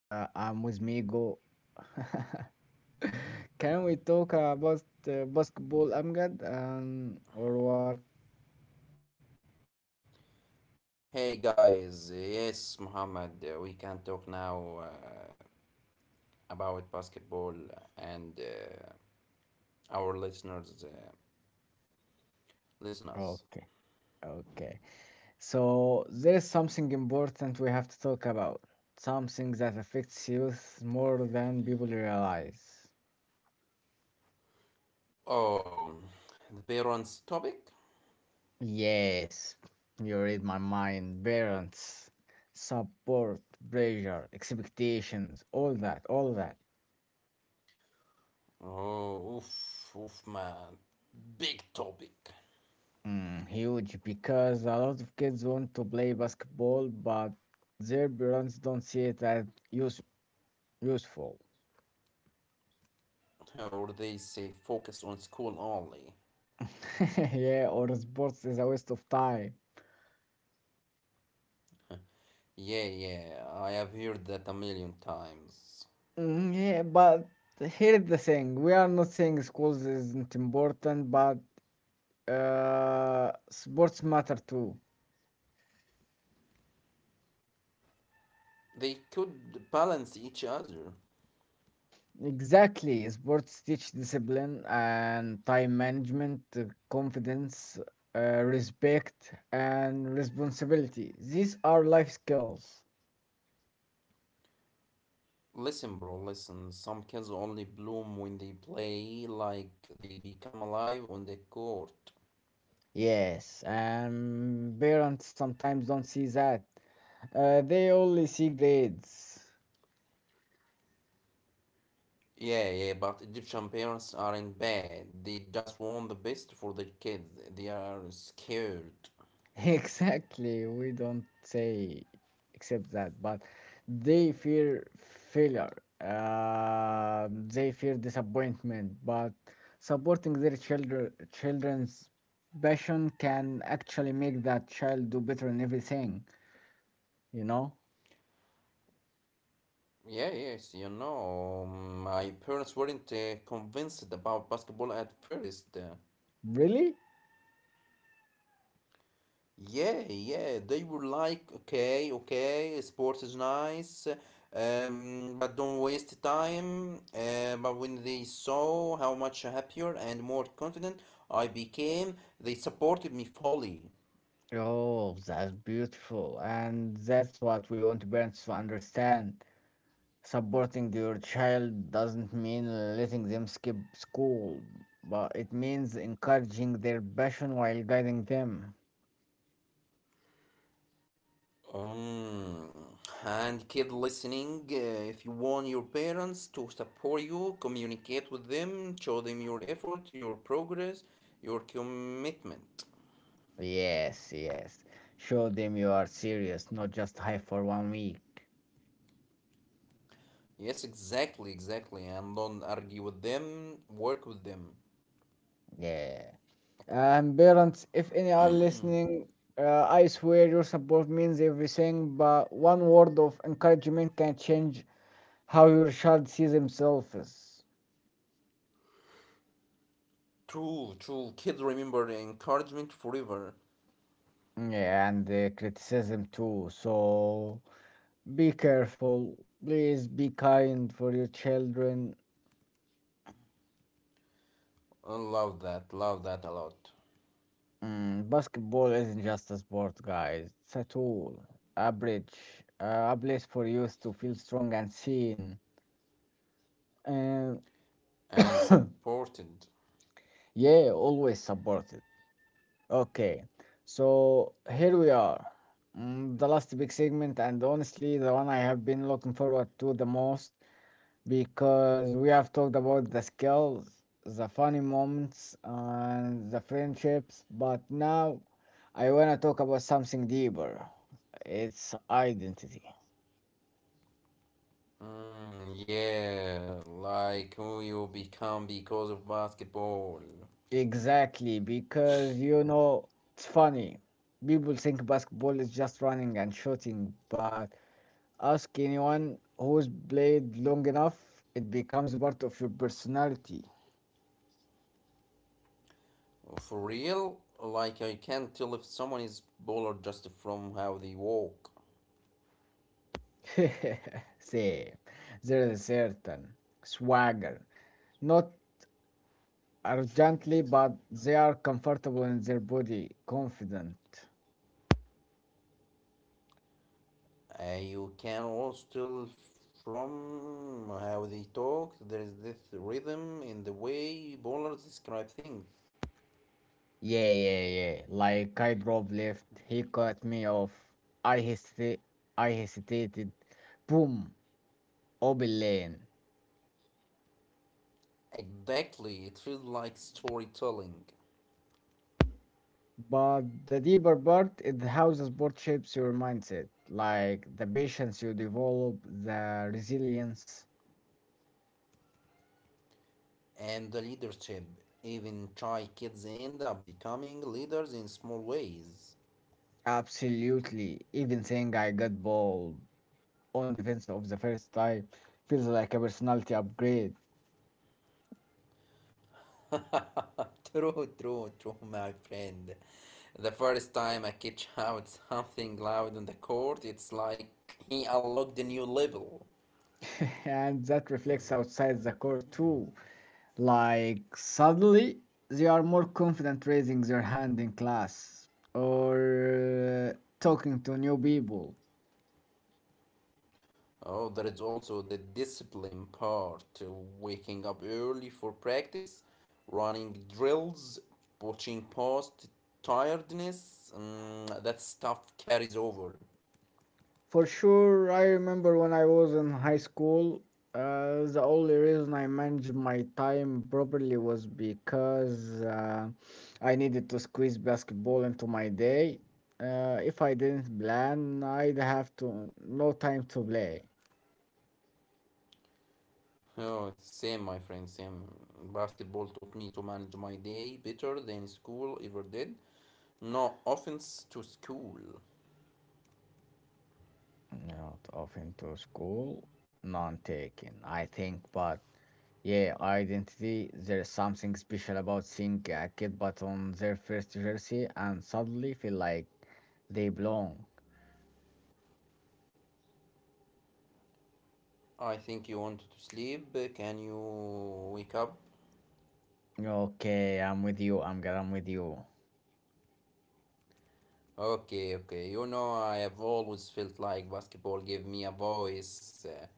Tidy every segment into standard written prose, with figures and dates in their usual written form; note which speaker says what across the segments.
Speaker 1: I'm with Migo. Can we talk about basketball, Amgad, or what?
Speaker 2: Hey guys, yes, Muhammad, we can talk now about basketball and our listeners listen.
Speaker 1: Okay, okay. So there is something important we have to talk about. Something that affects youth more than people realize.
Speaker 2: Oh, the parents topic?
Speaker 1: Yes, you read my mind. Parents, support, pressure, expectations, all that, all that.
Speaker 2: Oh, oof, oof, man, big topic.
Speaker 1: Huge because a lot of kids want to play basketball, but their parents don't see it as use useful.
Speaker 2: Or they say focus on school only.
Speaker 1: Yeah, or sports is a waste of time.
Speaker 2: Yeah, yeah, I have heard that a million times.
Speaker 1: Mm, yeah, but here's the thing. We are not saying schools isn't important, but sports matter too.
Speaker 2: They could balance each other.
Speaker 1: Exactly. Sports teach discipline and time management, confidence, respect, and responsibility. These are life skills.
Speaker 2: Listen, bro, listen. Some kids only bloom when they play, like they become alive on the court.
Speaker 1: Yes, and parents sometimes don't see that. They only see grades.
Speaker 2: Yeah, yeah, but Egyptian parents aren't bad. They just want the best for their kids. They are scared.
Speaker 1: Exactly. We don't say except that, but they fear failure. They fear disappointment, but supporting their children's passion can actually make that child do better in everything, you know?
Speaker 2: Yeah, yes, you know, my parents weren't convinced about basketball at first.
Speaker 1: Really?
Speaker 2: Yeah, yeah, they were like, okay, okay, sport is nice, but don't waste time. But when they saw how much happier and more confident I became, they supported me fully.
Speaker 1: Oh, that's beautiful. And that's what we want parents to understand. Supporting your child doesn't mean letting them skip school, but it means encouraging their passion while guiding them.
Speaker 2: Um, and kid listening, if you want your parents to support you, communicate with them, show them your effort, your progress, your commitment.
Speaker 1: Yes, yes. Show them you are serious, not just hype for one week.
Speaker 2: Yes, exactly, exactly. And don't argue with them, work with them.
Speaker 1: Yeah. And parents, if any are listening, I swear your support means everything, but one word of encouragement can change how your child sees himself. Is.
Speaker 2: True, true. Kids remember encouragement forever.
Speaker 1: Yeah, and criticism too. So. Be careful. Please be kind for your children.
Speaker 2: I love that a lot.
Speaker 1: Basketball isn't just a sport, guys. It's a tool, a bridge, a place for youth to feel strong and seen. And
Speaker 2: And supported.
Speaker 1: yeah, always support it. Okay, so here we are. The last big segment, and honestly, the one I have been looking forward to the most. Because we have talked about the skills, the funny moments, and the friendships, but now I want to talk about something deeper. It's identity.
Speaker 2: Mm, yeah, like who you become because of basketball.
Speaker 1: Exactly, because it's funny. People think basketball is just running and shooting, but ask anyone who's played long enough, it becomes part of your personality.
Speaker 2: For real, like I can't tell if someone is baller just from how they walk.
Speaker 1: See, there is a certain swagger, not urgently, but they are comfortable in their body, confident.
Speaker 2: You can also tell from how they talk. There is this rhythm in the way bowlers describe things.
Speaker 1: Yeah, yeah, yeah. Like I drove left, he cut me off. I hesita- I hesitated. Boom, open lane.
Speaker 2: Exactly, it feels like storytelling
Speaker 1: But the deeper part is how the sport shapes your mindset, like the patience you develop, the resilience.
Speaker 2: and the leadership. Even shy kids end up becoming leaders in small ways.
Speaker 1: Absolutely. Even saying I got ball on defense of the first time feels like a personality upgrade.
Speaker 2: true, true, true, my friend. The first time a kid shouts something loud on the court, it's like he unlocked a new level.
Speaker 1: And that reflects outside the court too. Like, suddenly, they are more confident raising their hand in class or talking to new people.
Speaker 2: Oh, there is also the discipline part, waking up early for practice, running drills, watching past tiredness. Mm, that stuff carries over.
Speaker 1: For sure, I remember when I was in high school, the only reason I managed my time properly was because I needed to squeeze basketball into my day. If I didn't plan, I'd have to no time to play.
Speaker 2: Oh, same, my friend, same. Basketball taught me to manage my day better than school ever did. No offense to school.
Speaker 1: Not off into school, none taken, I think. But yeah, identity, there's something special about seeing a kid but on their first jersey and suddenly feel like they belong.
Speaker 2: I think you want to sleep. Can you wake up?
Speaker 1: Okay, I'm with you, I'm good, I'm with you.
Speaker 2: Okay, okay. You know, I have always felt like basketball gave me a voice. Uh,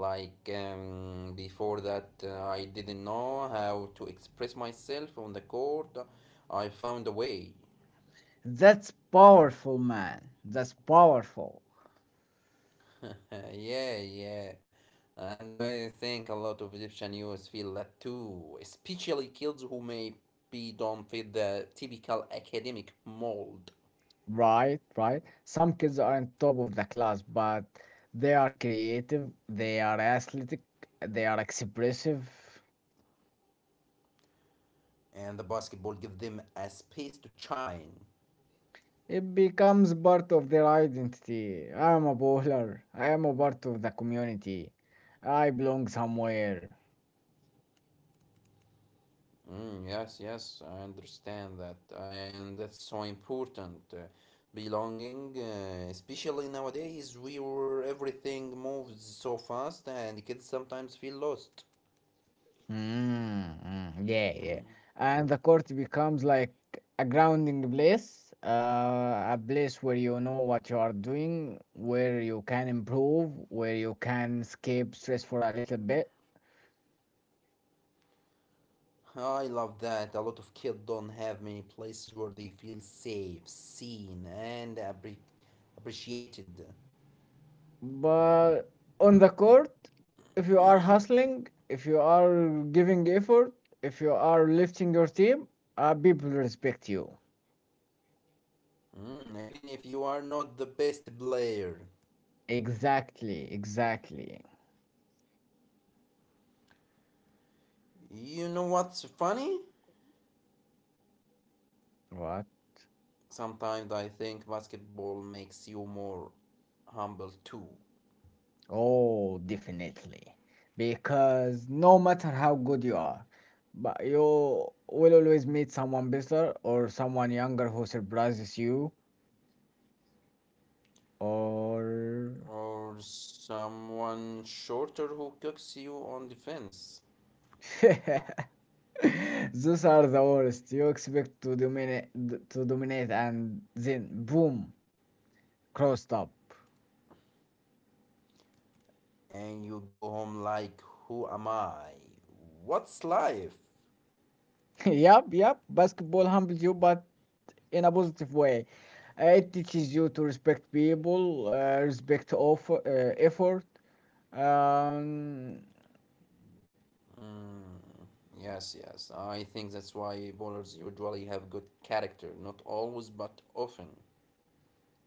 Speaker 2: like um, before that, I didn't know how to express myself on the court. I found a way.
Speaker 1: That's powerful, man. That's powerful.
Speaker 2: yeah, yeah. And I think a lot of Egyptian youth feel that too, especially kids who maybe don't fit the typical academic mold.
Speaker 1: Right, right. Some kids are on top of the class, but they are creative, they are athletic, they are expressive.
Speaker 2: And the basketball give them a space to shine.
Speaker 1: It becomes part of their identity. I am a bowler. I am a part of the community. I belong somewhere.
Speaker 2: Mm, yes, yes, I understand that, and that's so important. Belonging, especially nowadays, we where everything moves so fast, and kids sometimes feel lost.
Speaker 1: Mm, mm, yeah, yeah. And the court becomes like a grounding place, a place where you know what you are doing, where you can improve, where you can escape stress for a little bit.
Speaker 2: I love that. A lot of kids don't have many places where they feel safe, seen, and appreciated.
Speaker 1: But on the court, if you are hustling, if you are giving effort, if you are lifting your team, people respect you.
Speaker 2: Mm, even if you are not the best player.
Speaker 1: Exactly, exactly.
Speaker 2: You know what's funny?
Speaker 1: What?
Speaker 2: Sometimes I think basketball makes you more humble too,
Speaker 1: Oh, definitely. Because no matter how good you are, but you will always meet someone better or someone younger who surprises you or
Speaker 2: or someone shorter who cooks you on defense,
Speaker 1: those are the worst. You expect to dominate, and then boom, crossed up.
Speaker 2: and you go home like, who am I? What's life?
Speaker 1: Yep, yep. Basketball humbles you, but in a positive way. It teaches you to respect people, respect offer, effort, um,
Speaker 2: Mm, yes, yes, I think that's why bowlers usually have good character, not always, but often.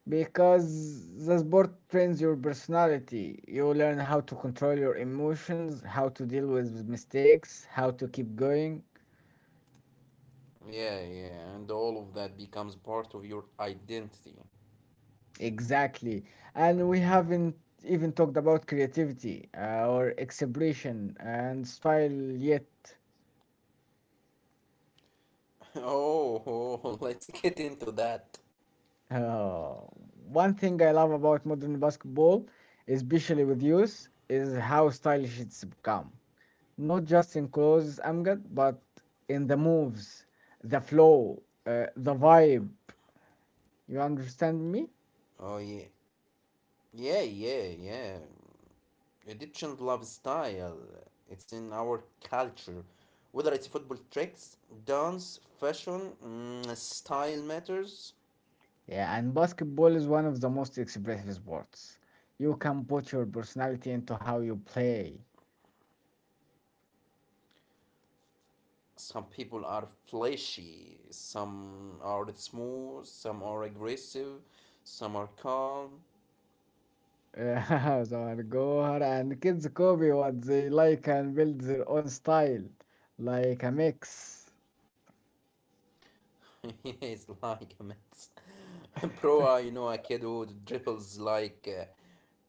Speaker 1: because the sport trains your personality. You learn how to control your emotions, how to deal with mistakes, how to keep going.
Speaker 2: Yeah, yeah, and all of that becomes part of your identity.
Speaker 1: Exactly. And we haven't even talked about creativity or expression and style yet.
Speaker 2: Oh, oh, let's get into that.
Speaker 1: Uh, One thing I love about modern basketball, especially with youth, is how stylish it's become. Not just in clothes, Amgad, but in the moves, the flow, the vibe. You understand me?
Speaker 2: Oh, yeah. Yeah, yeah, yeah. Egyptian lifestyle. It's in our culture. Whether it's football tricks, dance, fashion, mm, style matters.
Speaker 1: Yeah, and basketball is one of the most expressive sports. You can put your personality into how you play.
Speaker 2: Some people are flashy, some are smooth, some are aggressive, some are calm.
Speaker 1: Yeah, Zaragoza and kids copy what they like and build their own style, like a mix.
Speaker 2: It's like a mix. Bro, I know a kid who dribbles like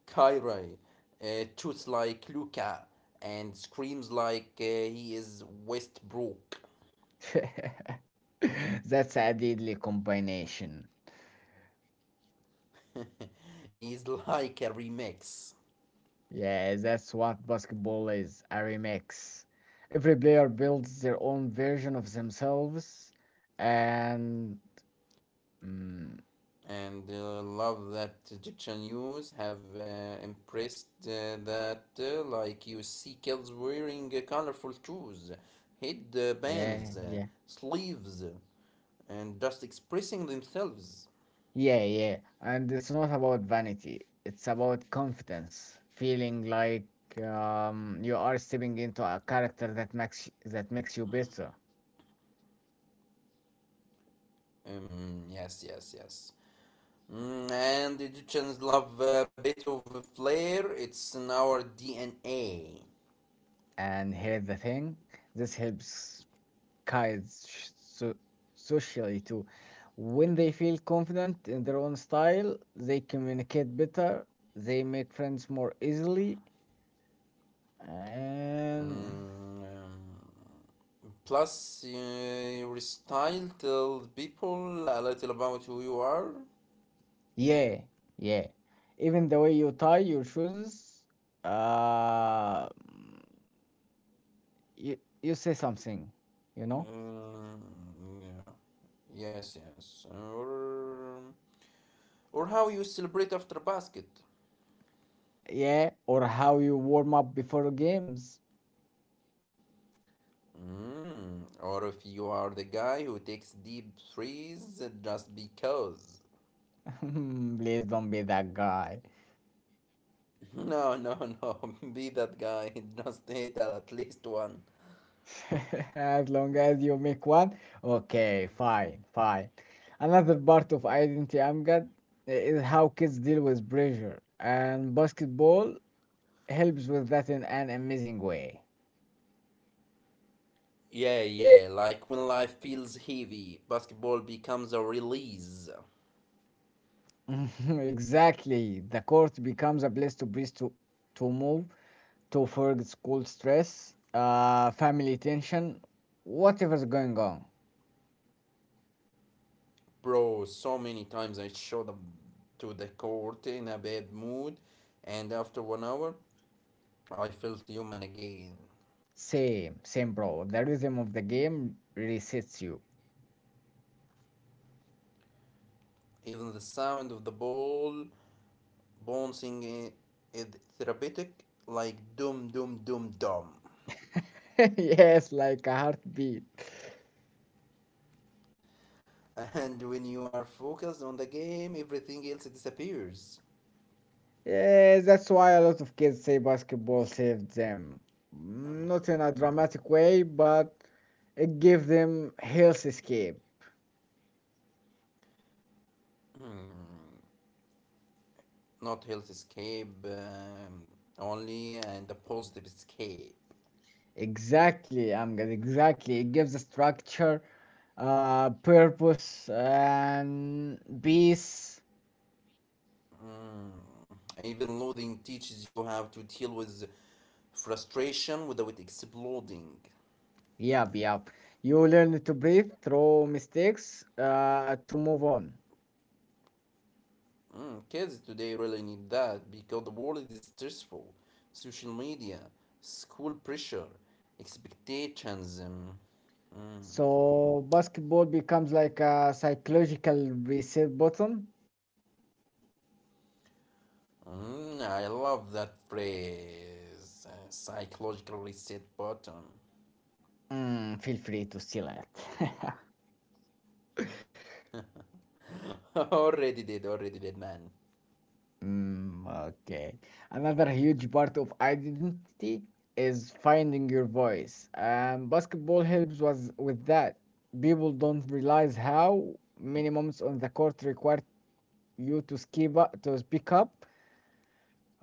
Speaker 2: Kyrie, shoots like Luca, and screams like he is Westbrook.
Speaker 1: That's a deadly combination.
Speaker 2: He's like a remix.
Speaker 1: Yeah, that's what basketball is, a remix. Every player builds their own version of themselves, and mm,
Speaker 2: And love that Egyptian youths have impressed like you see kids wearing colorful shoes,
Speaker 1: yeah,
Speaker 2: headbands,
Speaker 1: yeah.
Speaker 2: sleeves, and just expressing themselves.
Speaker 1: Yeah, yeah. And it's not about vanity, it's about confidence, feeling like you are stepping into a character that makes you better.
Speaker 2: Yes, yes, yes. Mm, and Egyptians love a bit of flair. It's in our DNA.
Speaker 1: And here's the thing, this helps kids so socially too. When they feel confident in their own style, they communicate better, they make friends more easily, and
Speaker 2: Mm, um, Plus, your style tells people a little about who you are.
Speaker 1: yeah, yeah. Even the way you tie your shoes, uh, you, you say something, you know?
Speaker 2: Um, yeah. Yes, yes. Or how you celebrate after basket.
Speaker 1: Yeah, or how you warm up before games.
Speaker 2: Mm, or if you are the guy who takes deep freeze just because.
Speaker 1: Please don't be that guy.
Speaker 2: No, no, no. Be that guy. Just hit at least one.
Speaker 1: As long as you make one, okay, fine, fine. Another part of identity I'm got is how kids deal with pressure, and basketball helps with that in an amazing way.
Speaker 2: Yeah, yeah. Like when life feels heavy, basketball becomes a release.
Speaker 1: Exactly. The court becomes a place to breathe, to move, to forget school stress, family tension, whatever's going on.
Speaker 2: Bro, so many times I showed up to the court in a bad mood, and after 1 hour, I felt human again.
Speaker 1: Same, same, bro. The rhythm of the game resets you.
Speaker 2: Even the sound of the ball bouncing is therapeutic, like dum dum dum dum.
Speaker 1: Yes, like a heartbeat.
Speaker 2: And when you are focused on the game, everything else disappears.
Speaker 1: Yes, that's why a lot of kids say basketball saved them. Not in a dramatic way, but it gave them health escape.
Speaker 2: Not health escape only, and a positive escape.
Speaker 1: Exactly, Amgad, exactly. It gives a structure, purpose, and peace.
Speaker 2: Mm. Even loathing teaches you how to deal with frustration without exploding.
Speaker 1: Yep, yep. You learn to breathe through mistakes, to move on.
Speaker 2: Mm. Kids today really need that because the world is stressful. Social media, school pressure, expectations.
Speaker 1: So basketball becomes like a psychological reset button.
Speaker 2: Mm, I love that phrase, psychological reset button.
Speaker 1: Feel free to steal it.
Speaker 2: Already did, already did, man.
Speaker 1: Mm, okay. Another huge part of identity is finding your voice. Basketball helps was with that. People don't realize how many moments on the court require you to to speak up,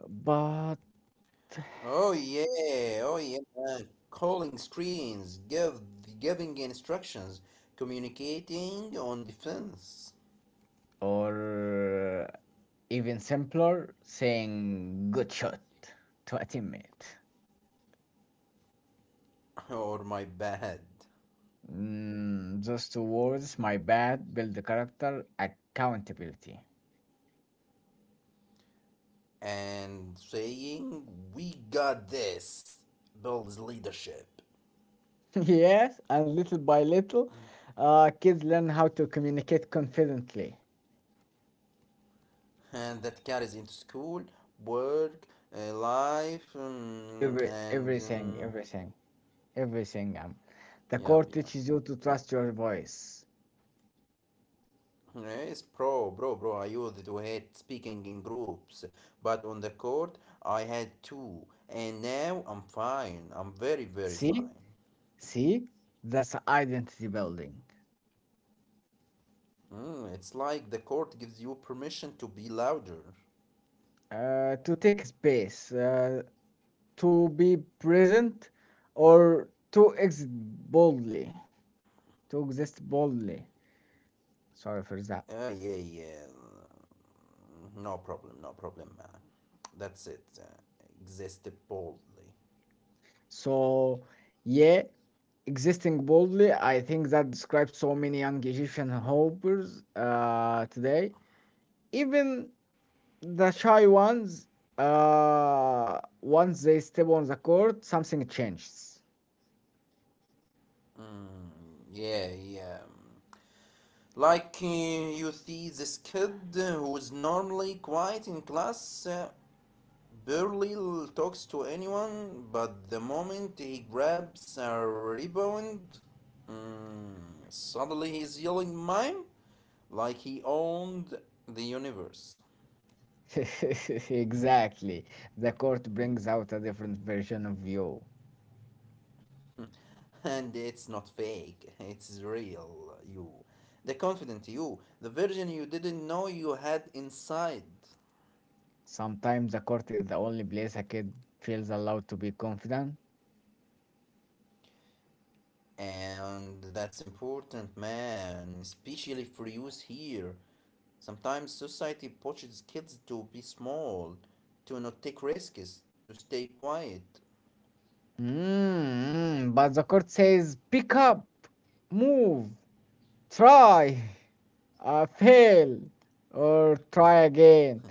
Speaker 1: but
Speaker 2: Oh yeah, oh yeah. Calling screens, give giving instructions, communicating on defense
Speaker 1: or even simpler, saying good shot to a teammate.
Speaker 2: or my bad,
Speaker 1: Those two words, my bad, build the character accountability.
Speaker 2: and saying we got this builds leadership,
Speaker 1: Yes, and little by little, kids learn how to communicate confidently.
Speaker 2: and that carries into school, work, life, and
Speaker 1: Everything, everything, everything. The
Speaker 2: yeah,
Speaker 1: core
Speaker 2: yeah.
Speaker 1: teaches you to trust your voice.
Speaker 2: Yes, bro, bro, bro. I used to hate speaking in groups, but on the court I had two, and now I'm fine. I'm very, very
Speaker 1: See,
Speaker 2: fine.
Speaker 1: see, that's identity building.
Speaker 2: Mm, it's like the court gives you permission to be louder.
Speaker 1: To take space, to be present, or to exist boldly. Sorry for that.
Speaker 2: Yeah, yeah. No problem, no problem, man. That's it. Exist boldly.
Speaker 1: So, yeah, existing boldly, I think that describes so many young Egyptian hopers today. Even the shy ones, once they step on the court, something changes.
Speaker 2: Hmm, yeah, yeah. Like you see this kid who's normally quiet in class, barely talks to anyone, but the moment he grabs a rebound, mm, suddenly he's yelling mine like he owned the universe.
Speaker 1: Exactly. The court brings out a different version of you.
Speaker 2: And it's not fake, it's real you. The confident you, the virgin you didn't know you had inside.
Speaker 1: Sometimes the court is the only place a kid feels allowed to be confident.
Speaker 2: And that's important, man, especially for you here. Sometimes society pushes kids to be small, to not take risks, to stay quiet.
Speaker 1: But the court says, pick up, move, try. Fail or try again.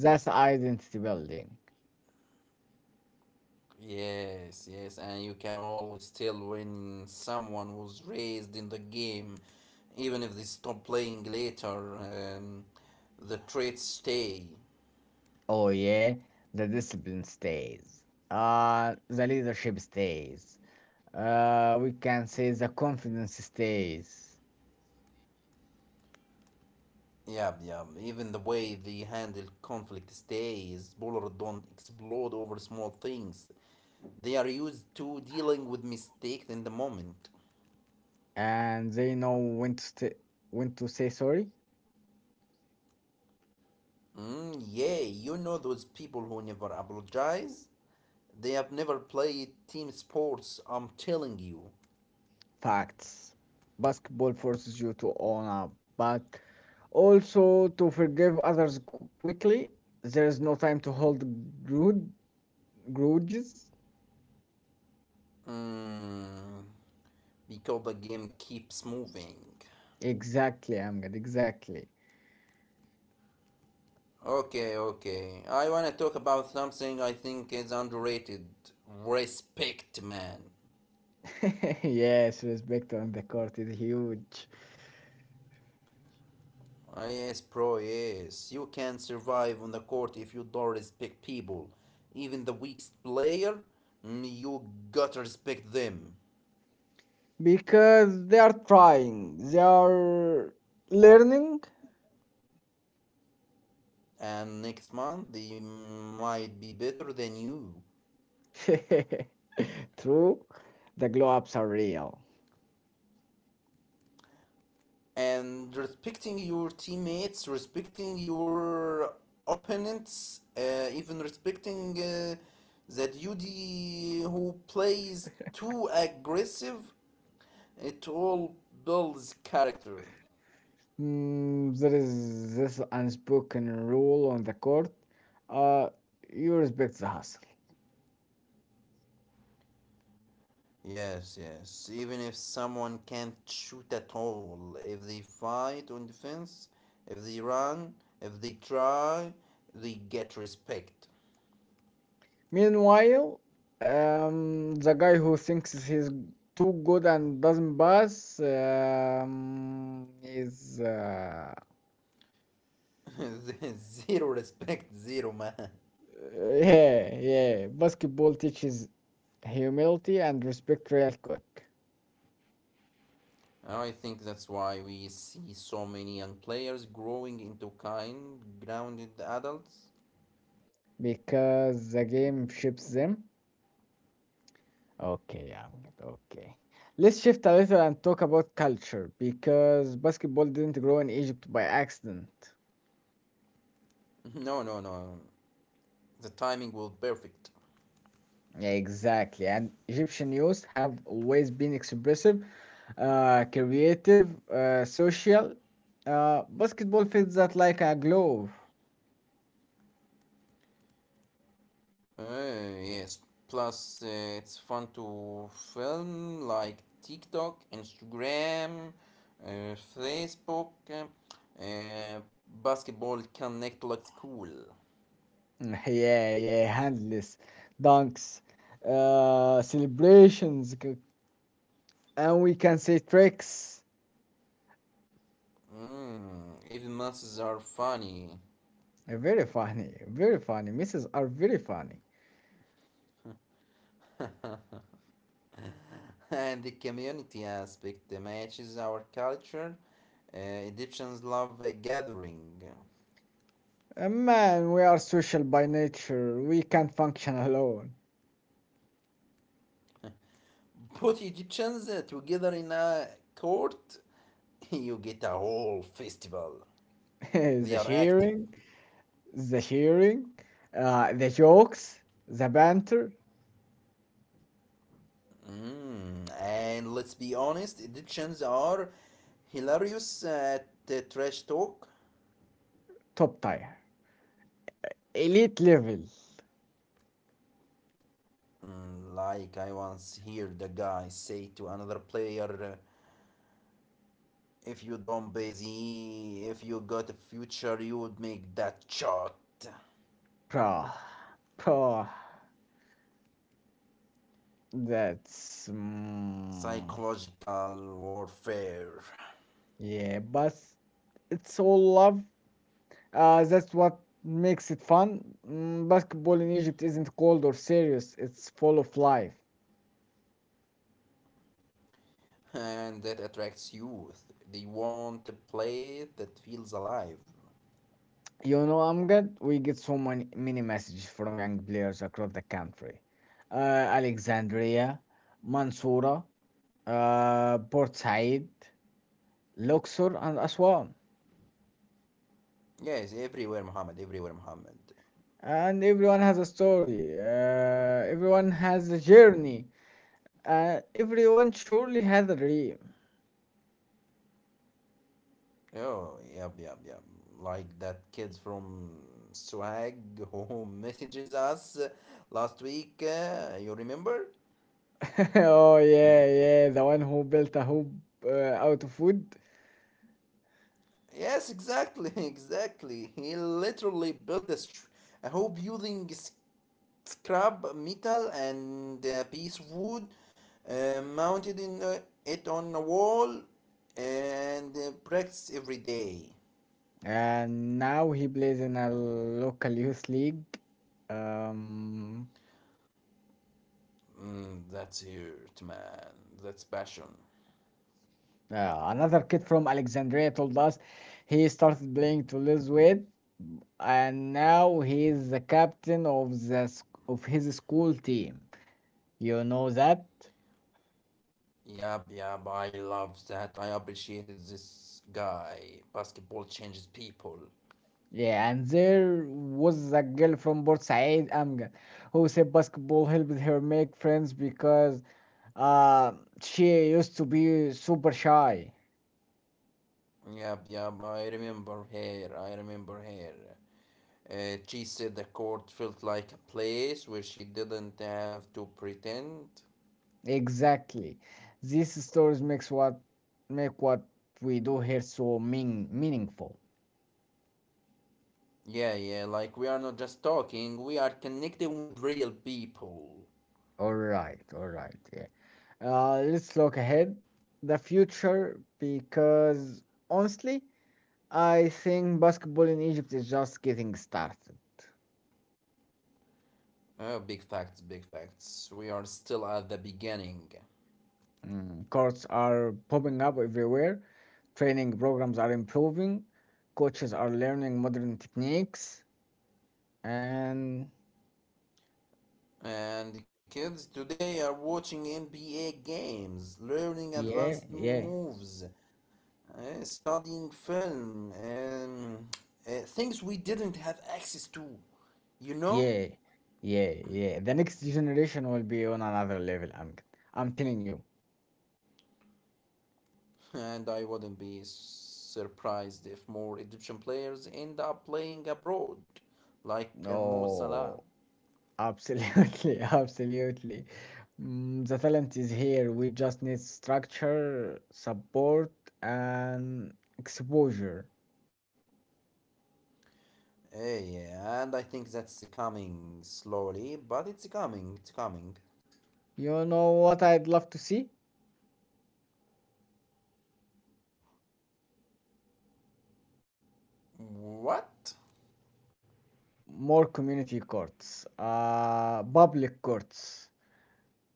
Speaker 1: That's identity building.
Speaker 2: Yes, yes, and you can always tell when someone was raised in the game, even if they stop playing later, the traits stay.
Speaker 1: Oh, yeah, the discipline stays, the leadership stays, we can say the confidence stays,
Speaker 2: Yeah, yeah, even the way they handle conflict stays. Bowlers don't explode over small things, they are used to dealing with mistakes in the moment.
Speaker 1: and they know when to say sorry.
Speaker 2: Mm, yeah, you know those people who never apologize? They have never played team sports, I'm telling you.
Speaker 1: Facts. Basketball forces you to own up, but also to forgive others quickly. There is no time to hold grud- grudges.
Speaker 2: Mm, because the game keeps moving.
Speaker 1: Exactly, Amgad, exactly.
Speaker 2: Okay, okay. I wanna talk about something I think is underrated, respect, man.
Speaker 1: Yes, respect on the court is huge
Speaker 2: Ah, yes, bro, yes. You can survive on the court if you don't respect people. Even the weakest player, mm, you gotta respect them.
Speaker 1: because they are trying, they are learning.
Speaker 2: And next month they might be better than you.
Speaker 1: True, the glow ups are real.
Speaker 2: And respecting your teammates, respecting your opponents, even respecting that UD who plays too aggressive, it all builds character.
Speaker 1: There is this unspoken rule on the court. Uh, you respect the hustle.
Speaker 2: Yes, yes. Even if someone can't shoot at all, if they fight on defense, if they run, if they try, they get respect.
Speaker 1: Meanwhile, the guy who thinks he's too good and doesn't pass is
Speaker 2: Zero respect, zero man.
Speaker 1: Yeah, yeah. Basketball teaches humility and respect real quick
Speaker 2: I think that's why we see so many young players growing into kind, grounded adults.
Speaker 1: because the game shapes them. Okay, Ahmed, okay. Let's shift a little and talk about culture because basketball didn't grow in Egypt by accident.
Speaker 2: No, no, no. The timing was perfect.
Speaker 1: Yeah, exactly. And Egyptian youth have always been expressive, creative, social. Basketball fits that like a glove.
Speaker 2: Yes. Plus, it's fun to film like TikTok, Instagram, Facebook. Uh, Basketball connect like school.
Speaker 1: Yeah, yeah, handless dunks, celebrations, and we can say tricks.
Speaker 2: Mm, even masses are funny.
Speaker 1: Very funny, very funny. Misses are very funny.
Speaker 2: And the community aspect matches our culture. Egyptians love gathering.
Speaker 1: Man, we are social by nature. We can't function alone.
Speaker 2: Put Egyptians together in a court, you get a whole festival.
Speaker 1: the
Speaker 2: They are active.
Speaker 1: sharing, the sharing, the jokes, the banter,
Speaker 2: Mm, and let's be honest, Egyptians are hilarious at trash talk.
Speaker 1: top tier, elite level,
Speaker 2: Mm, like I once heard a guy say to another player. If you don't busy, if you got a future, you would make that shot.
Speaker 1: bro, bro. That's
Speaker 2: Psychological warfare.
Speaker 1: yeah, but it's all love. That's what makes it fun. Basketball in Egypt isn't cold or serious, it's full of life.
Speaker 2: And that attracts youth. They want a place that feels alive.
Speaker 1: You know, Amgad, we get so many, many messages from young players across the country. Alexandria, Mansoura, Port Said, Luxor, and Aswan.
Speaker 2: Yes, everywhere, Muhammad, everywhere, Muhammad.
Speaker 1: And everyone has a story, everyone has a journey, everyone surely has a dream.
Speaker 2: Oh, yep, yep, yep. Like that kid from Swag who messages us last week, you remember?
Speaker 1: Oh, yeah, yeah, the one who built a hoop out of wood.
Speaker 2: Yes, exactly, exactly. He literally built a, a whole building scrap metal and a piece of wood, mounted in it on a wall, and practice every day.
Speaker 1: And now he plays in a local youth league. Um,
Speaker 2: Mm, that's it, man. That's passion.
Speaker 1: Another kid from Alexandria told us he started playing to lose weight, and now he is the captain of his school team. You know that?
Speaker 2: Yep, yep. I love that. I appreciated this guy. Basketball changes people.
Speaker 1: Yeah, and there was a girl from Port Said Amgan who said basketball helped her make friends because uh, she used to be super shy.
Speaker 2: Yep, yep. I remember her. I remember her. She said the court felt like a place where she didn't have to pretend.
Speaker 1: Exactly. These stories makes what make what We do here so meaningful.
Speaker 2: Yeah, yeah, like we are not just talking, we are connecting with real people.
Speaker 1: All right, yeah. Let's look ahead the future because honestly, I think basketball in Egypt is just getting started.
Speaker 2: Oh, big facts, big facts. We are still at the beginning.
Speaker 1: Mm, courts are popping up everywhere, training programs are improving, coaches are learning modern techniques, and
Speaker 2: And the kids today are watching NBA games, learning
Speaker 1: yeah,
Speaker 2: advanced
Speaker 1: yeah.
Speaker 2: moves, studying film, things we didn't have access to, you know?
Speaker 1: Yeah, yeah, yeah. The next generation will be on another level. I'm telling you.
Speaker 2: And I wouldn't be surprised if more Egyptian players end up playing abroad, like Mo Salah.
Speaker 1: Oh, absolutely, absolutely. Mm, the talent is here. We just need structure, support, and exposure.
Speaker 2: Yeah, and I think that's coming slowly, but it's coming, it's coming.
Speaker 1: You know what I'd love to see?
Speaker 2: What?
Speaker 1: More community courts, public courts,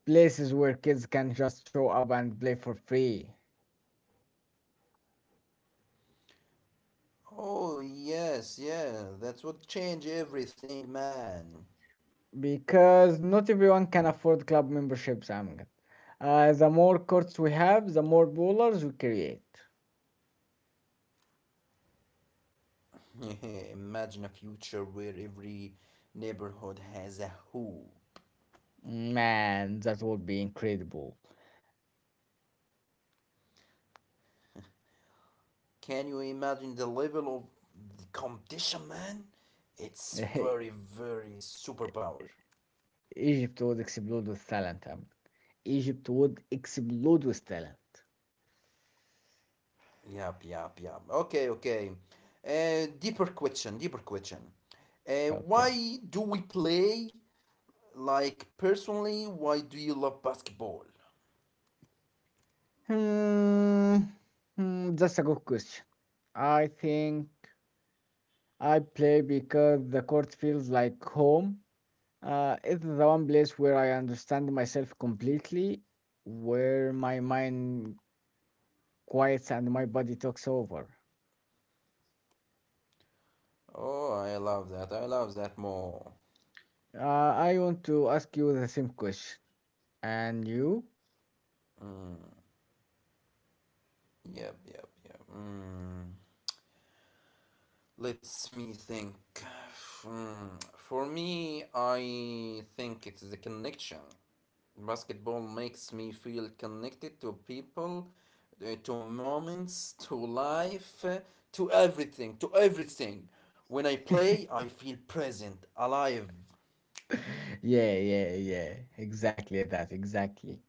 Speaker 1: places where kids can just show up and play for free.
Speaker 2: Oh, yes, yeah, that would change everything, man.
Speaker 1: Because not everyone can afford club memberships. Amjad. The more courts we have, the more bowlers we create.
Speaker 2: Imagine a future where every neighborhood has a who.
Speaker 1: Man, that would be incredible.
Speaker 2: Can you imagine the level of the competition, man? It's very, very superpower.
Speaker 1: Egypt would explode with talent. Amjad. Egypt would explode with talent.
Speaker 2: Yup, yup, yup. Okay, okay. Deeper question, deeper question.
Speaker 1: Okay.
Speaker 2: Why do we play? Like, personally, why do you love basketball?
Speaker 1: Hmm, that's a good question. I think I play because the court feels like home. It's the one place where I understand myself completely, where my mind quiets and my body takes over.
Speaker 2: Oh, I love that. I love that more.
Speaker 1: I want to ask you the same question. And you?
Speaker 2: Yep, yep, yep. Mm. Let's me think. Hmm, for me, I think it's the connection. Basketball makes me feel connected to people, to moments, to life, to everything, to everything. When I play, I feel present, alive,
Speaker 1: Yeah, yeah, yeah. Exactly that, exactly.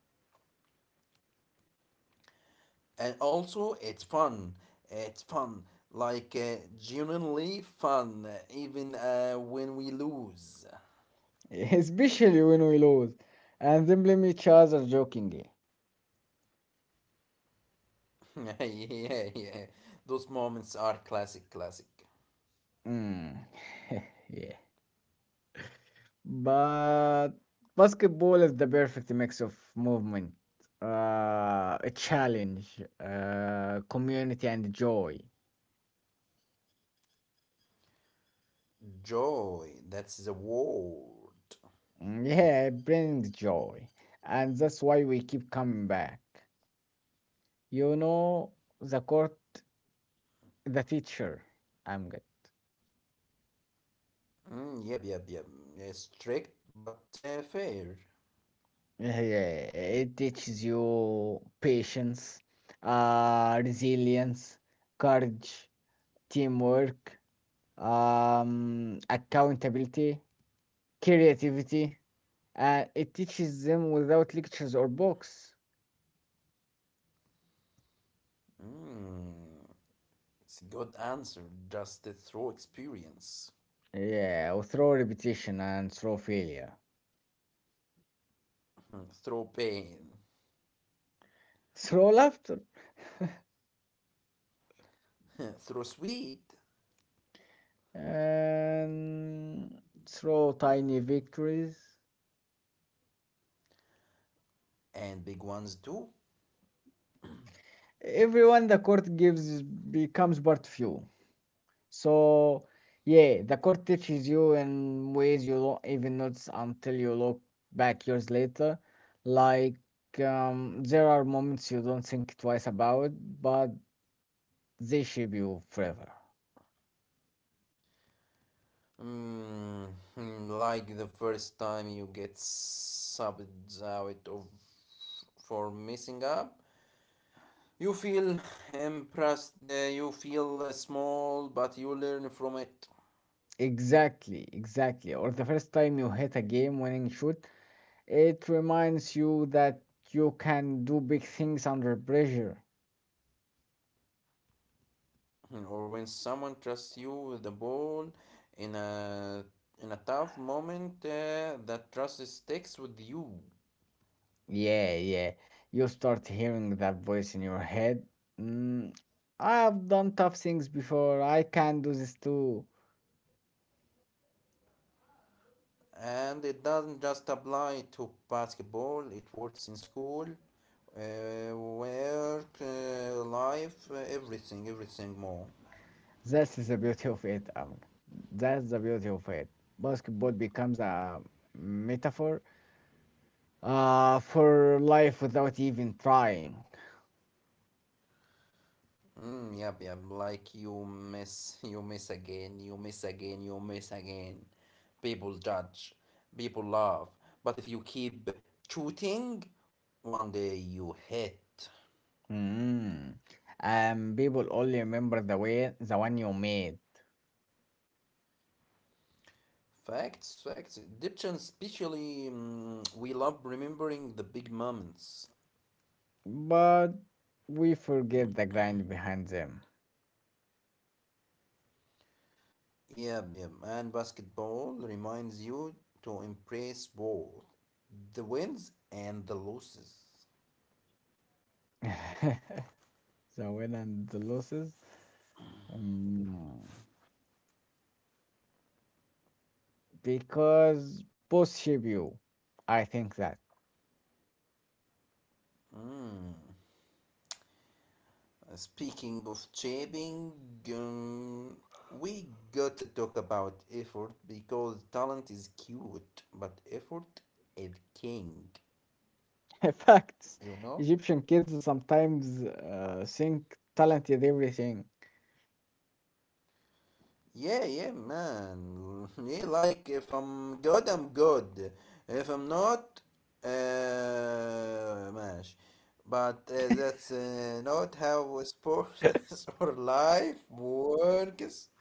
Speaker 2: and also it's fun. It's fun, like uh, genuinely fun, even when we lose.
Speaker 1: Especially when we lose and then blame each other jokingly.
Speaker 2: Yeah, yeah. Those moments are classic, classic.
Speaker 1: Mm. yeah, but basketball is the perfect mix of movement, a challenge, community, and joy.
Speaker 2: Joy, that's the word.
Speaker 1: Mm, yeah, it brings joy. And that's why we keep coming back. You know, the court, the teacher, I'm good.
Speaker 2: Mm, yep, yep, yep. Yeah, strict but fair.
Speaker 1: Yeah, it teaches you patience, resilience, courage, teamwork, accountability, creativity, and it teaches them without lectures or books.
Speaker 2: It's a good answer. Just through experience.
Speaker 1: Yeah, or through repetition and through failure.
Speaker 2: Through pain,
Speaker 1: Through laughter
Speaker 2: through sweet,
Speaker 1: and through tiny victories.
Speaker 2: and big ones too.
Speaker 1: Everyone the court gives becomes part of you. So, yeah, the court teaches you in ways you don't even notice until you look back years later. Like, there are moments you don't think twice about, but they shape you forever.
Speaker 2: Mm, like the first time you get subbed out of for messing up, you feel impressed, you feel small, but you learn from it.
Speaker 1: Exactly, exactly. Or the first time you hit a game winning shoot, it reminds you that you can do big things under pressure.
Speaker 2: Or when someone trusts you with the ball in a in a tough moment, that trust sticks with you.
Speaker 1: Yeah, yeah. You start hearing that voice in your head. Mm, I've done tough things before. I can do this too.
Speaker 2: And it doesn't just apply to basketball, it works in school, work, life, everything, everything more.
Speaker 1: That's the beauty of it. That's the beauty of it. Basketball becomes a metaphor for life without even trying.
Speaker 2: Mm, yep, yep. Like you miss again, you miss again, you miss again. People judge, people laugh. But if you keep shooting, one day you hit.
Speaker 1: Mm. And people only remember the way the one you made,
Speaker 2: Facts, facts. Egyptians, especially, mm, we love remembering the big moments.
Speaker 1: but we forget the grind behind them.
Speaker 2: Yep, yep. And basketball reminds you to embrace both the wins and the losses.
Speaker 1: The win and the losses. Mm. Because both shape you. I think that.
Speaker 2: Speaking of shaping, um, we got to talk about effort because talent is cute, but effort is king,
Speaker 1: In fact,
Speaker 2: you know?
Speaker 1: Egyptian kids sometimes think talent is everything.
Speaker 2: Yeah, yeah, man. Yeah, like if I'm good, I'm good. If I'm not, mash. But that's not how sports or life works.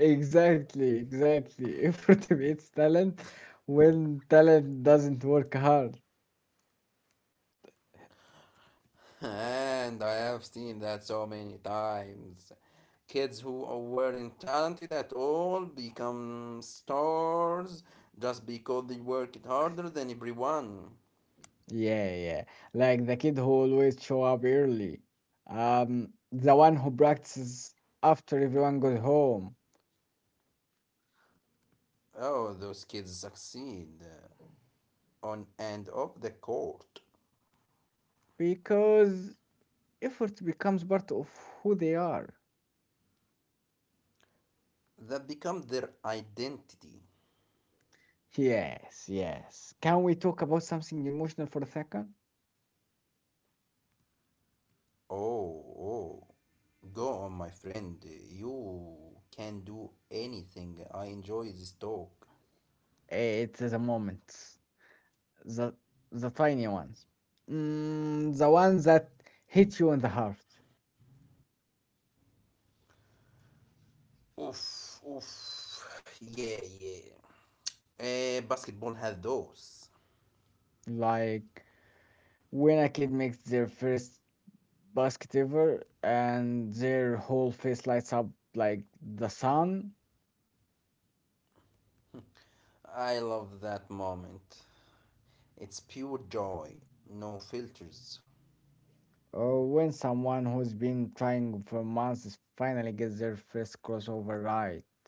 Speaker 1: Exactly, exactly. Effort beats talent when talent doesn't work hard.
Speaker 2: And I have seen that so many times. Kids who weren't talented at all become stars just because they worked harder than everyone.
Speaker 1: Yeah, yeah. Like the kid who always show up early. The one who practices after everyone goes home.
Speaker 2: Oh, those kids succeed on and off the court.
Speaker 1: Because effort becomes part of who they are.
Speaker 2: That become their identity.
Speaker 1: Yes, yes. Can we talk about something emotional for a second?
Speaker 2: Oh, oh. Go on, my friend. You can do anything. I enjoy this talk.
Speaker 1: It's the moments. The the tiny ones. Mm, the ones that hit you in the heart.
Speaker 2: Oof, oof. Yeah, yeah. Eh, basketball had those.
Speaker 1: Like when a kid makes their first basketeer and their whole face lights up like the sun,
Speaker 2: I love that moment. It's pure joy, no filters.
Speaker 1: or when someone who's been trying for months finally gets their first crossover right.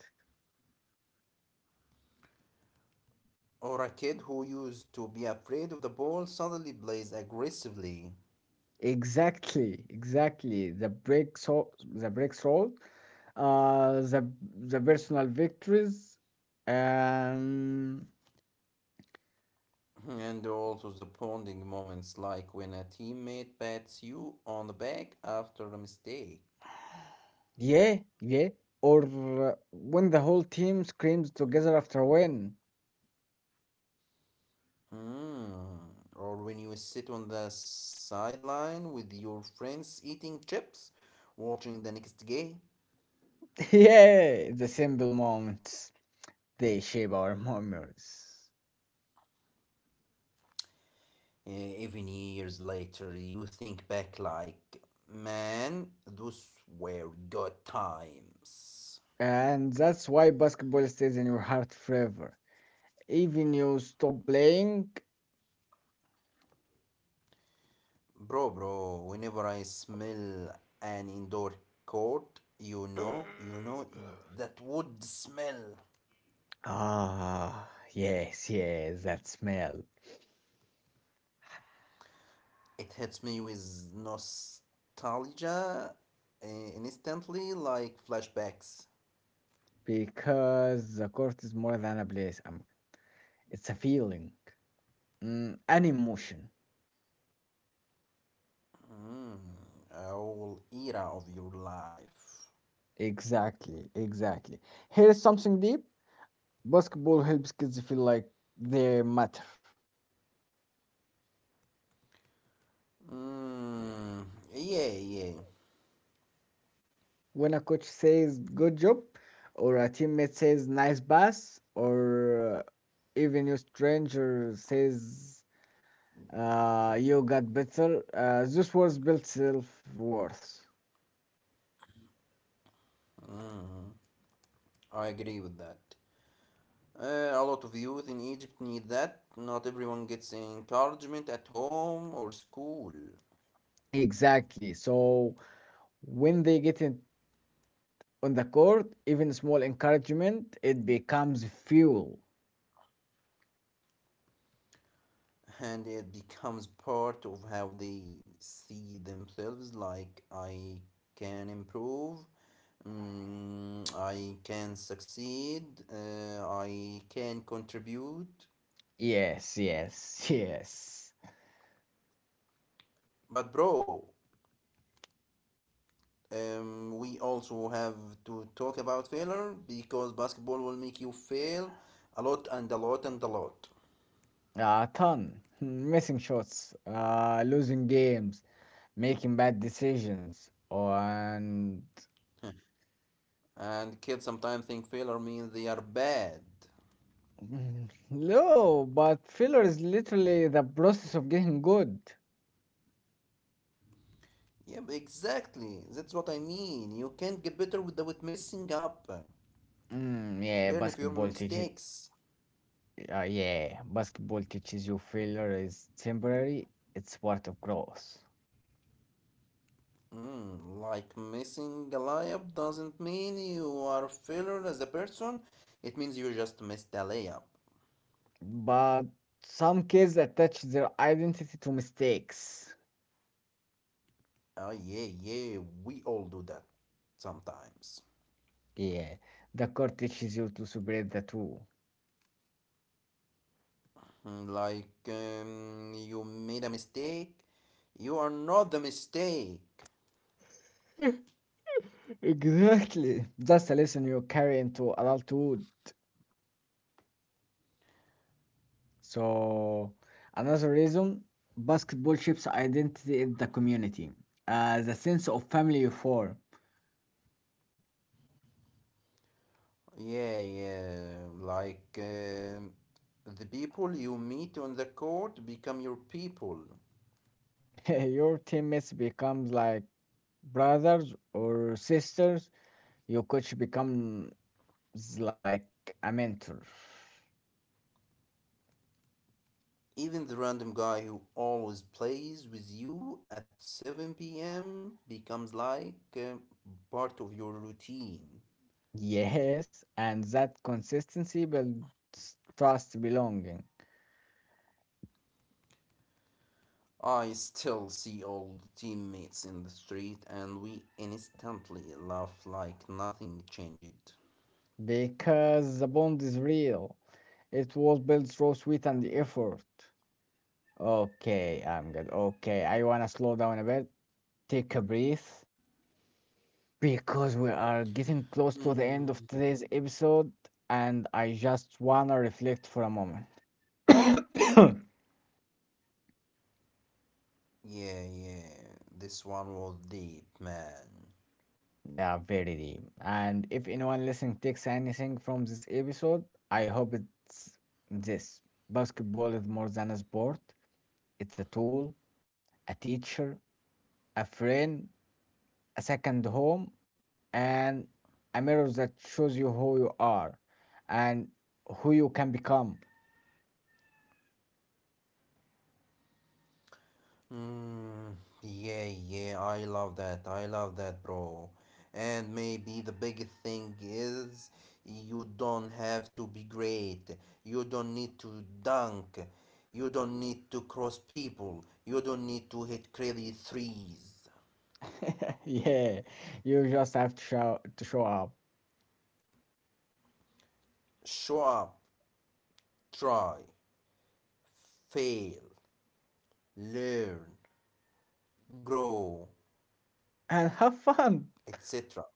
Speaker 2: Or a kid who used to be afraid of the ball suddenly plays aggressively.
Speaker 1: Exactly, exactly. The breaks roll, the personal victories, um,
Speaker 2: And also the bonding moments, like when a teammate pats you on the back after a mistake.
Speaker 1: yeah, yeah. Or when the whole team screams together after a win.
Speaker 2: Mm. Or when you sit on the sideline with your friends eating chips, watching the next game.
Speaker 1: Yeah, the simple moments. They shape our memories.
Speaker 2: Uh, Even years later, you think back like, man, those were good times.
Speaker 1: And that's why basketball stays in your heart forever. Even you stop playing.
Speaker 2: Bro, bro, whenever I smell an indoor court, you know, that wood smell.
Speaker 1: Ah, yes, yes, that smell.
Speaker 2: It hits me with nostalgia uh, instantly, like flashbacks.
Speaker 1: Because the court is more than a place. It's a feeling, mm, an emotion.
Speaker 2: A whole era of your life.
Speaker 1: Exactly, exactly. Here's something deep. Basketball helps kids feel like they matter.
Speaker 2: Mm, yeah, yeah,
Speaker 1: When a coach says good job, or a teammate says nice pass, or even a stranger says you got better, those words build self worth.
Speaker 2: I agree with that. A lot of youth in Egypt need that. Not everyone gets encouragement at home or school,
Speaker 1: Exactly. So when they get in on the court, even small encouragement, it becomes fuel.
Speaker 2: and it becomes part of how they see themselves like, I can improve, mm, I can succeed, I can contribute.
Speaker 1: Yes, yes, yes.
Speaker 2: But, bro, we also have to talk about failure because basketball will make you fail a lot and a lot and a lot.
Speaker 1: A ton. Missing shots, losing games, making bad decisions, and
Speaker 2: And kids sometimes think failure means they are bad.
Speaker 1: mm, no, but failure is literally the process of getting good.
Speaker 2: Yep, exactly. That's what I mean. You can't get better without messing up.
Speaker 1: Mm, yeah,
Speaker 2: Learn from your
Speaker 1: basketball teaches.
Speaker 2: mistakes.
Speaker 1: Yeah, basketball teaches you failure is temporary. It's part of growth.
Speaker 2: Mm, like messing a layup doesn't mean you are a failure as a person. It means you just missed a layup.
Speaker 1: But some kids attach their identity to mistakes.
Speaker 2: Oh yeah, yeah. We all do that sometimes.
Speaker 1: Yeah, the court teaches you to separate the two.
Speaker 2: Mm, like you made a mistake. You are not the mistake.
Speaker 1: Exactly. That's a lesson you carry into adulthood. So another reason, basketball shapes identity in the community. The sense of family you form.
Speaker 2: Yeah, yeah. Like the people you meet on the court become your people.
Speaker 1: Your teammates becomes like brothers or sisters. Your coach becomes like a mentor.
Speaker 2: Even the random guy who always plays with you at 7 p.m. becomes like part of your routine.
Speaker 1: Yes, and that consistency builds trust belonging
Speaker 2: I still see old teammates in the street and we instantly laugh like nothing changed.
Speaker 1: because the bond is real. It was built through sweat and effort. Okay, I'm good. Okay, I wanna slow down a bit, take a breath because we are getting close to the end
Speaker 2: Mhm.
Speaker 1: of today's episode and I just wanna reflect for a moment.
Speaker 2: Yeah, yeah. This one was deep, man.
Speaker 1: Yeah, very deep. And if anyone listening takes anything from this episode, I hope it's this: basketball is more than a sport, it's a tool, a teacher, a friend, a second home, and a mirror that shows you who you are and who you can become.
Speaker 2: Mm, yeah, yeah, I love that. I love that, bro. And maybe the biggest thing is you don't have to be great. You don't need to dunk. You don't need to cross people. You don't need to hit crazy threes.
Speaker 1: Yeah, you just have to show up
Speaker 2: Show up, try, fail, learn, grow,
Speaker 1: and have fun.
Speaker 2: etc.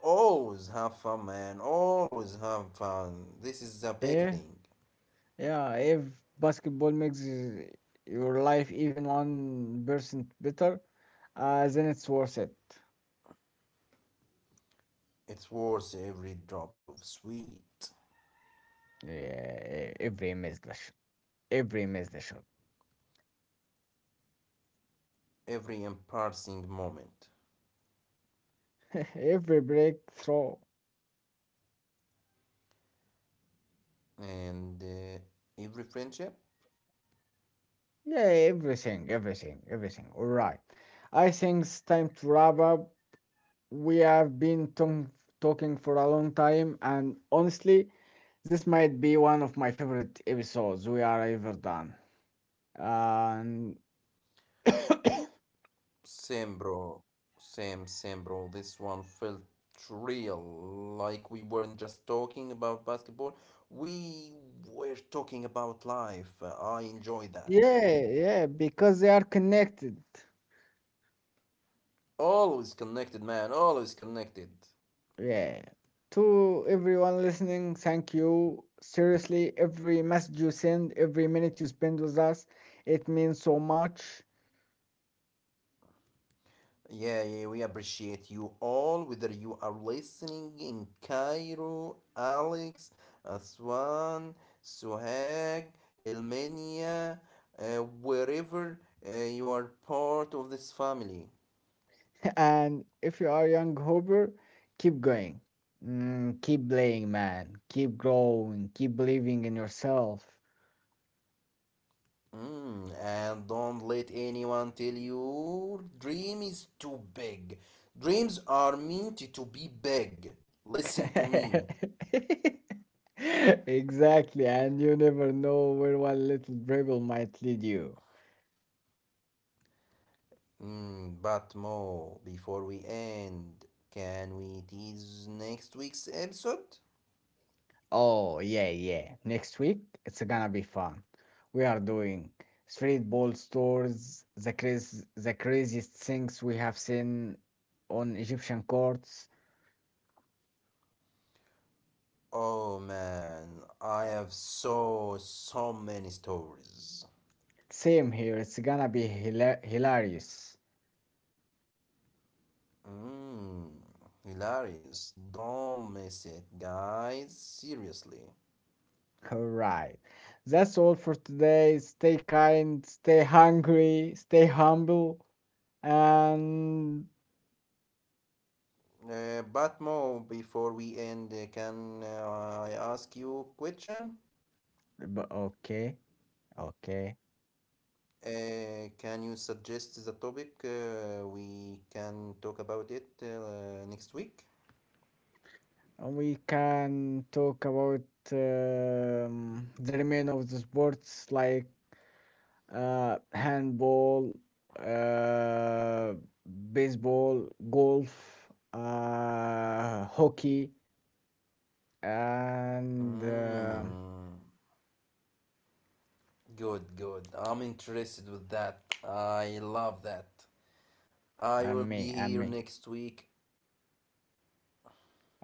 Speaker 2: Always have fun, man. Always have fun. This is a big
Speaker 1: Yeah,
Speaker 2: thing.
Speaker 1: yeah. If basketball makes your life even 1% better, then it's worth it.
Speaker 2: It's worth every drop of sweat,
Speaker 1: Yeah, every missed shot,
Speaker 2: every embarrassing moment,
Speaker 1: every breakthrough.
Speaker 2: and every friendship.
Speaker 1: Yeah, everything, everything, everything. All right, I think it's time to wrap up. We have been talking for a long time, and honestly, this might be one of my favorite episodes we are ever done. And
Speaker 2: Same, bro. Same, same, bro. This one felt real. Like we weren't just talking about basketball, we were talking about life. I enjoy that.
Speaker 1: yeah, yeah, because they are connected.
Speaker 2: Always connected, man. Always connected.
Speaker 1: Yeah. To everyone listening, thank you. Seriously, every message you send, every minute you spend with us, it means so much.
Speaker 2: Yeah, yeah, we appreciate you all, whether you are listening in Cairo, Alex, Aswan, Suhag, Elmenia, wherever you are part of this family.
Speaker 1: And if you are young Hooper, keep going. Mm, keep playing, man. Keep growing. Keep believing in yourself.
Speaker 2: Mm, and don't let anyone tell you dream is too big. Dreams are meant to be big. Listen to me.
Speaker 1: Exactly, and you never know where one little dribble might lead you.
Speaker 2: Mm, but Mo, before we end, can we tease next week's episode?
Speaker 1: Oh, yeah, yeah. Next week, it's gonna be fun. We are doing street ball stores, the crazy, the craziest things we have seen on Egyptian courts.
Speaker 2: Oh man, I have so so many stories.
Speaker 1: Same here. It's gonna be hilarious.
Speaker 2: Mm, hilarious. Don't miss it, guys. Seriously.
Speaker 1: Alright. That's all for today. Stay kind, stay hungry, stay humble, and
Speaker 2: But Mo, before we end, can I ask you a question?
Speaker 1: but okay, okay.
Speaker 2: Can you suggest the topic we can talk about it next week?
Speaker 1: And we can talk about the remain of the sports like handball, uh, baseball, golf, hockey, and.
Speaker 2: Mm, good, good. I'm interested with that. I love that. I
Speaker 1: And
Speaker 2: will
Speaker 1: me,
Speaker 2: be here next week.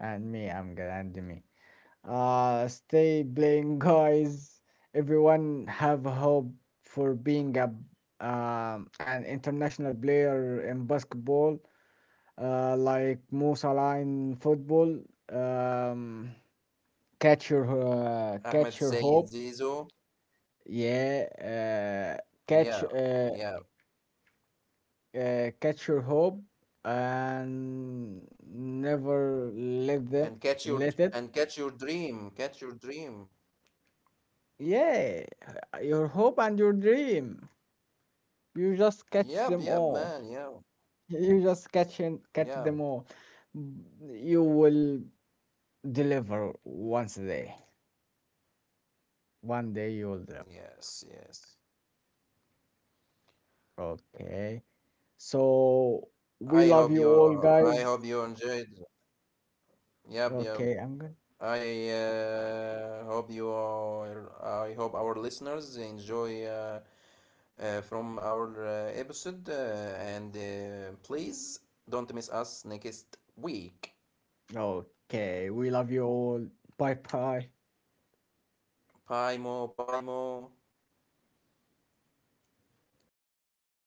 Speaker 1: and me, I'm good, and me. Stay playing, guys. Everyone have hope for being a an international player in basketball, like Mo Salah in football. Um, catch
Speaker 2: Ahmed
Speaker 1: your hope,
Speaker 2: Sayed Zizo.
Speaker 1: yeah. Uh, catch
Speaker 2: Yeah,
Speaker 1: uh,
Speaker 2: yeah.
Speaker 1: catch your hope and never
Speaker 2: And catch your
Speaker 1: let it.
Speaker 2: dream. Catch your dream.
Speaker 1: Yeah, your hope and your dream. You just catch them
Speaker 2: Yep, yep,
Speaker 1: all.
Speaker 2: man. Yeah,
Speaker 1: You just catch and catch
Speaker 2: yeah.
Speaker 1: them all. Mm, you will deliver once a day. One day you will deliver.
Speaker 2: Yes, yes.
Speaker 1: Okay. So we love you all,
Speaker 2: I
Speaker 1: guys.
Speaker 2: hope you enjoyed. Yep, yep.
Speaker 1: Okay, I'm good.
Speaker 2: I hope our listeners enjoy from our episode. And please don't miss us next week.
Speaker 1: Okay, we love you all. Bye bye.
Speaker 2: Bye, Mo. Bye, Mo.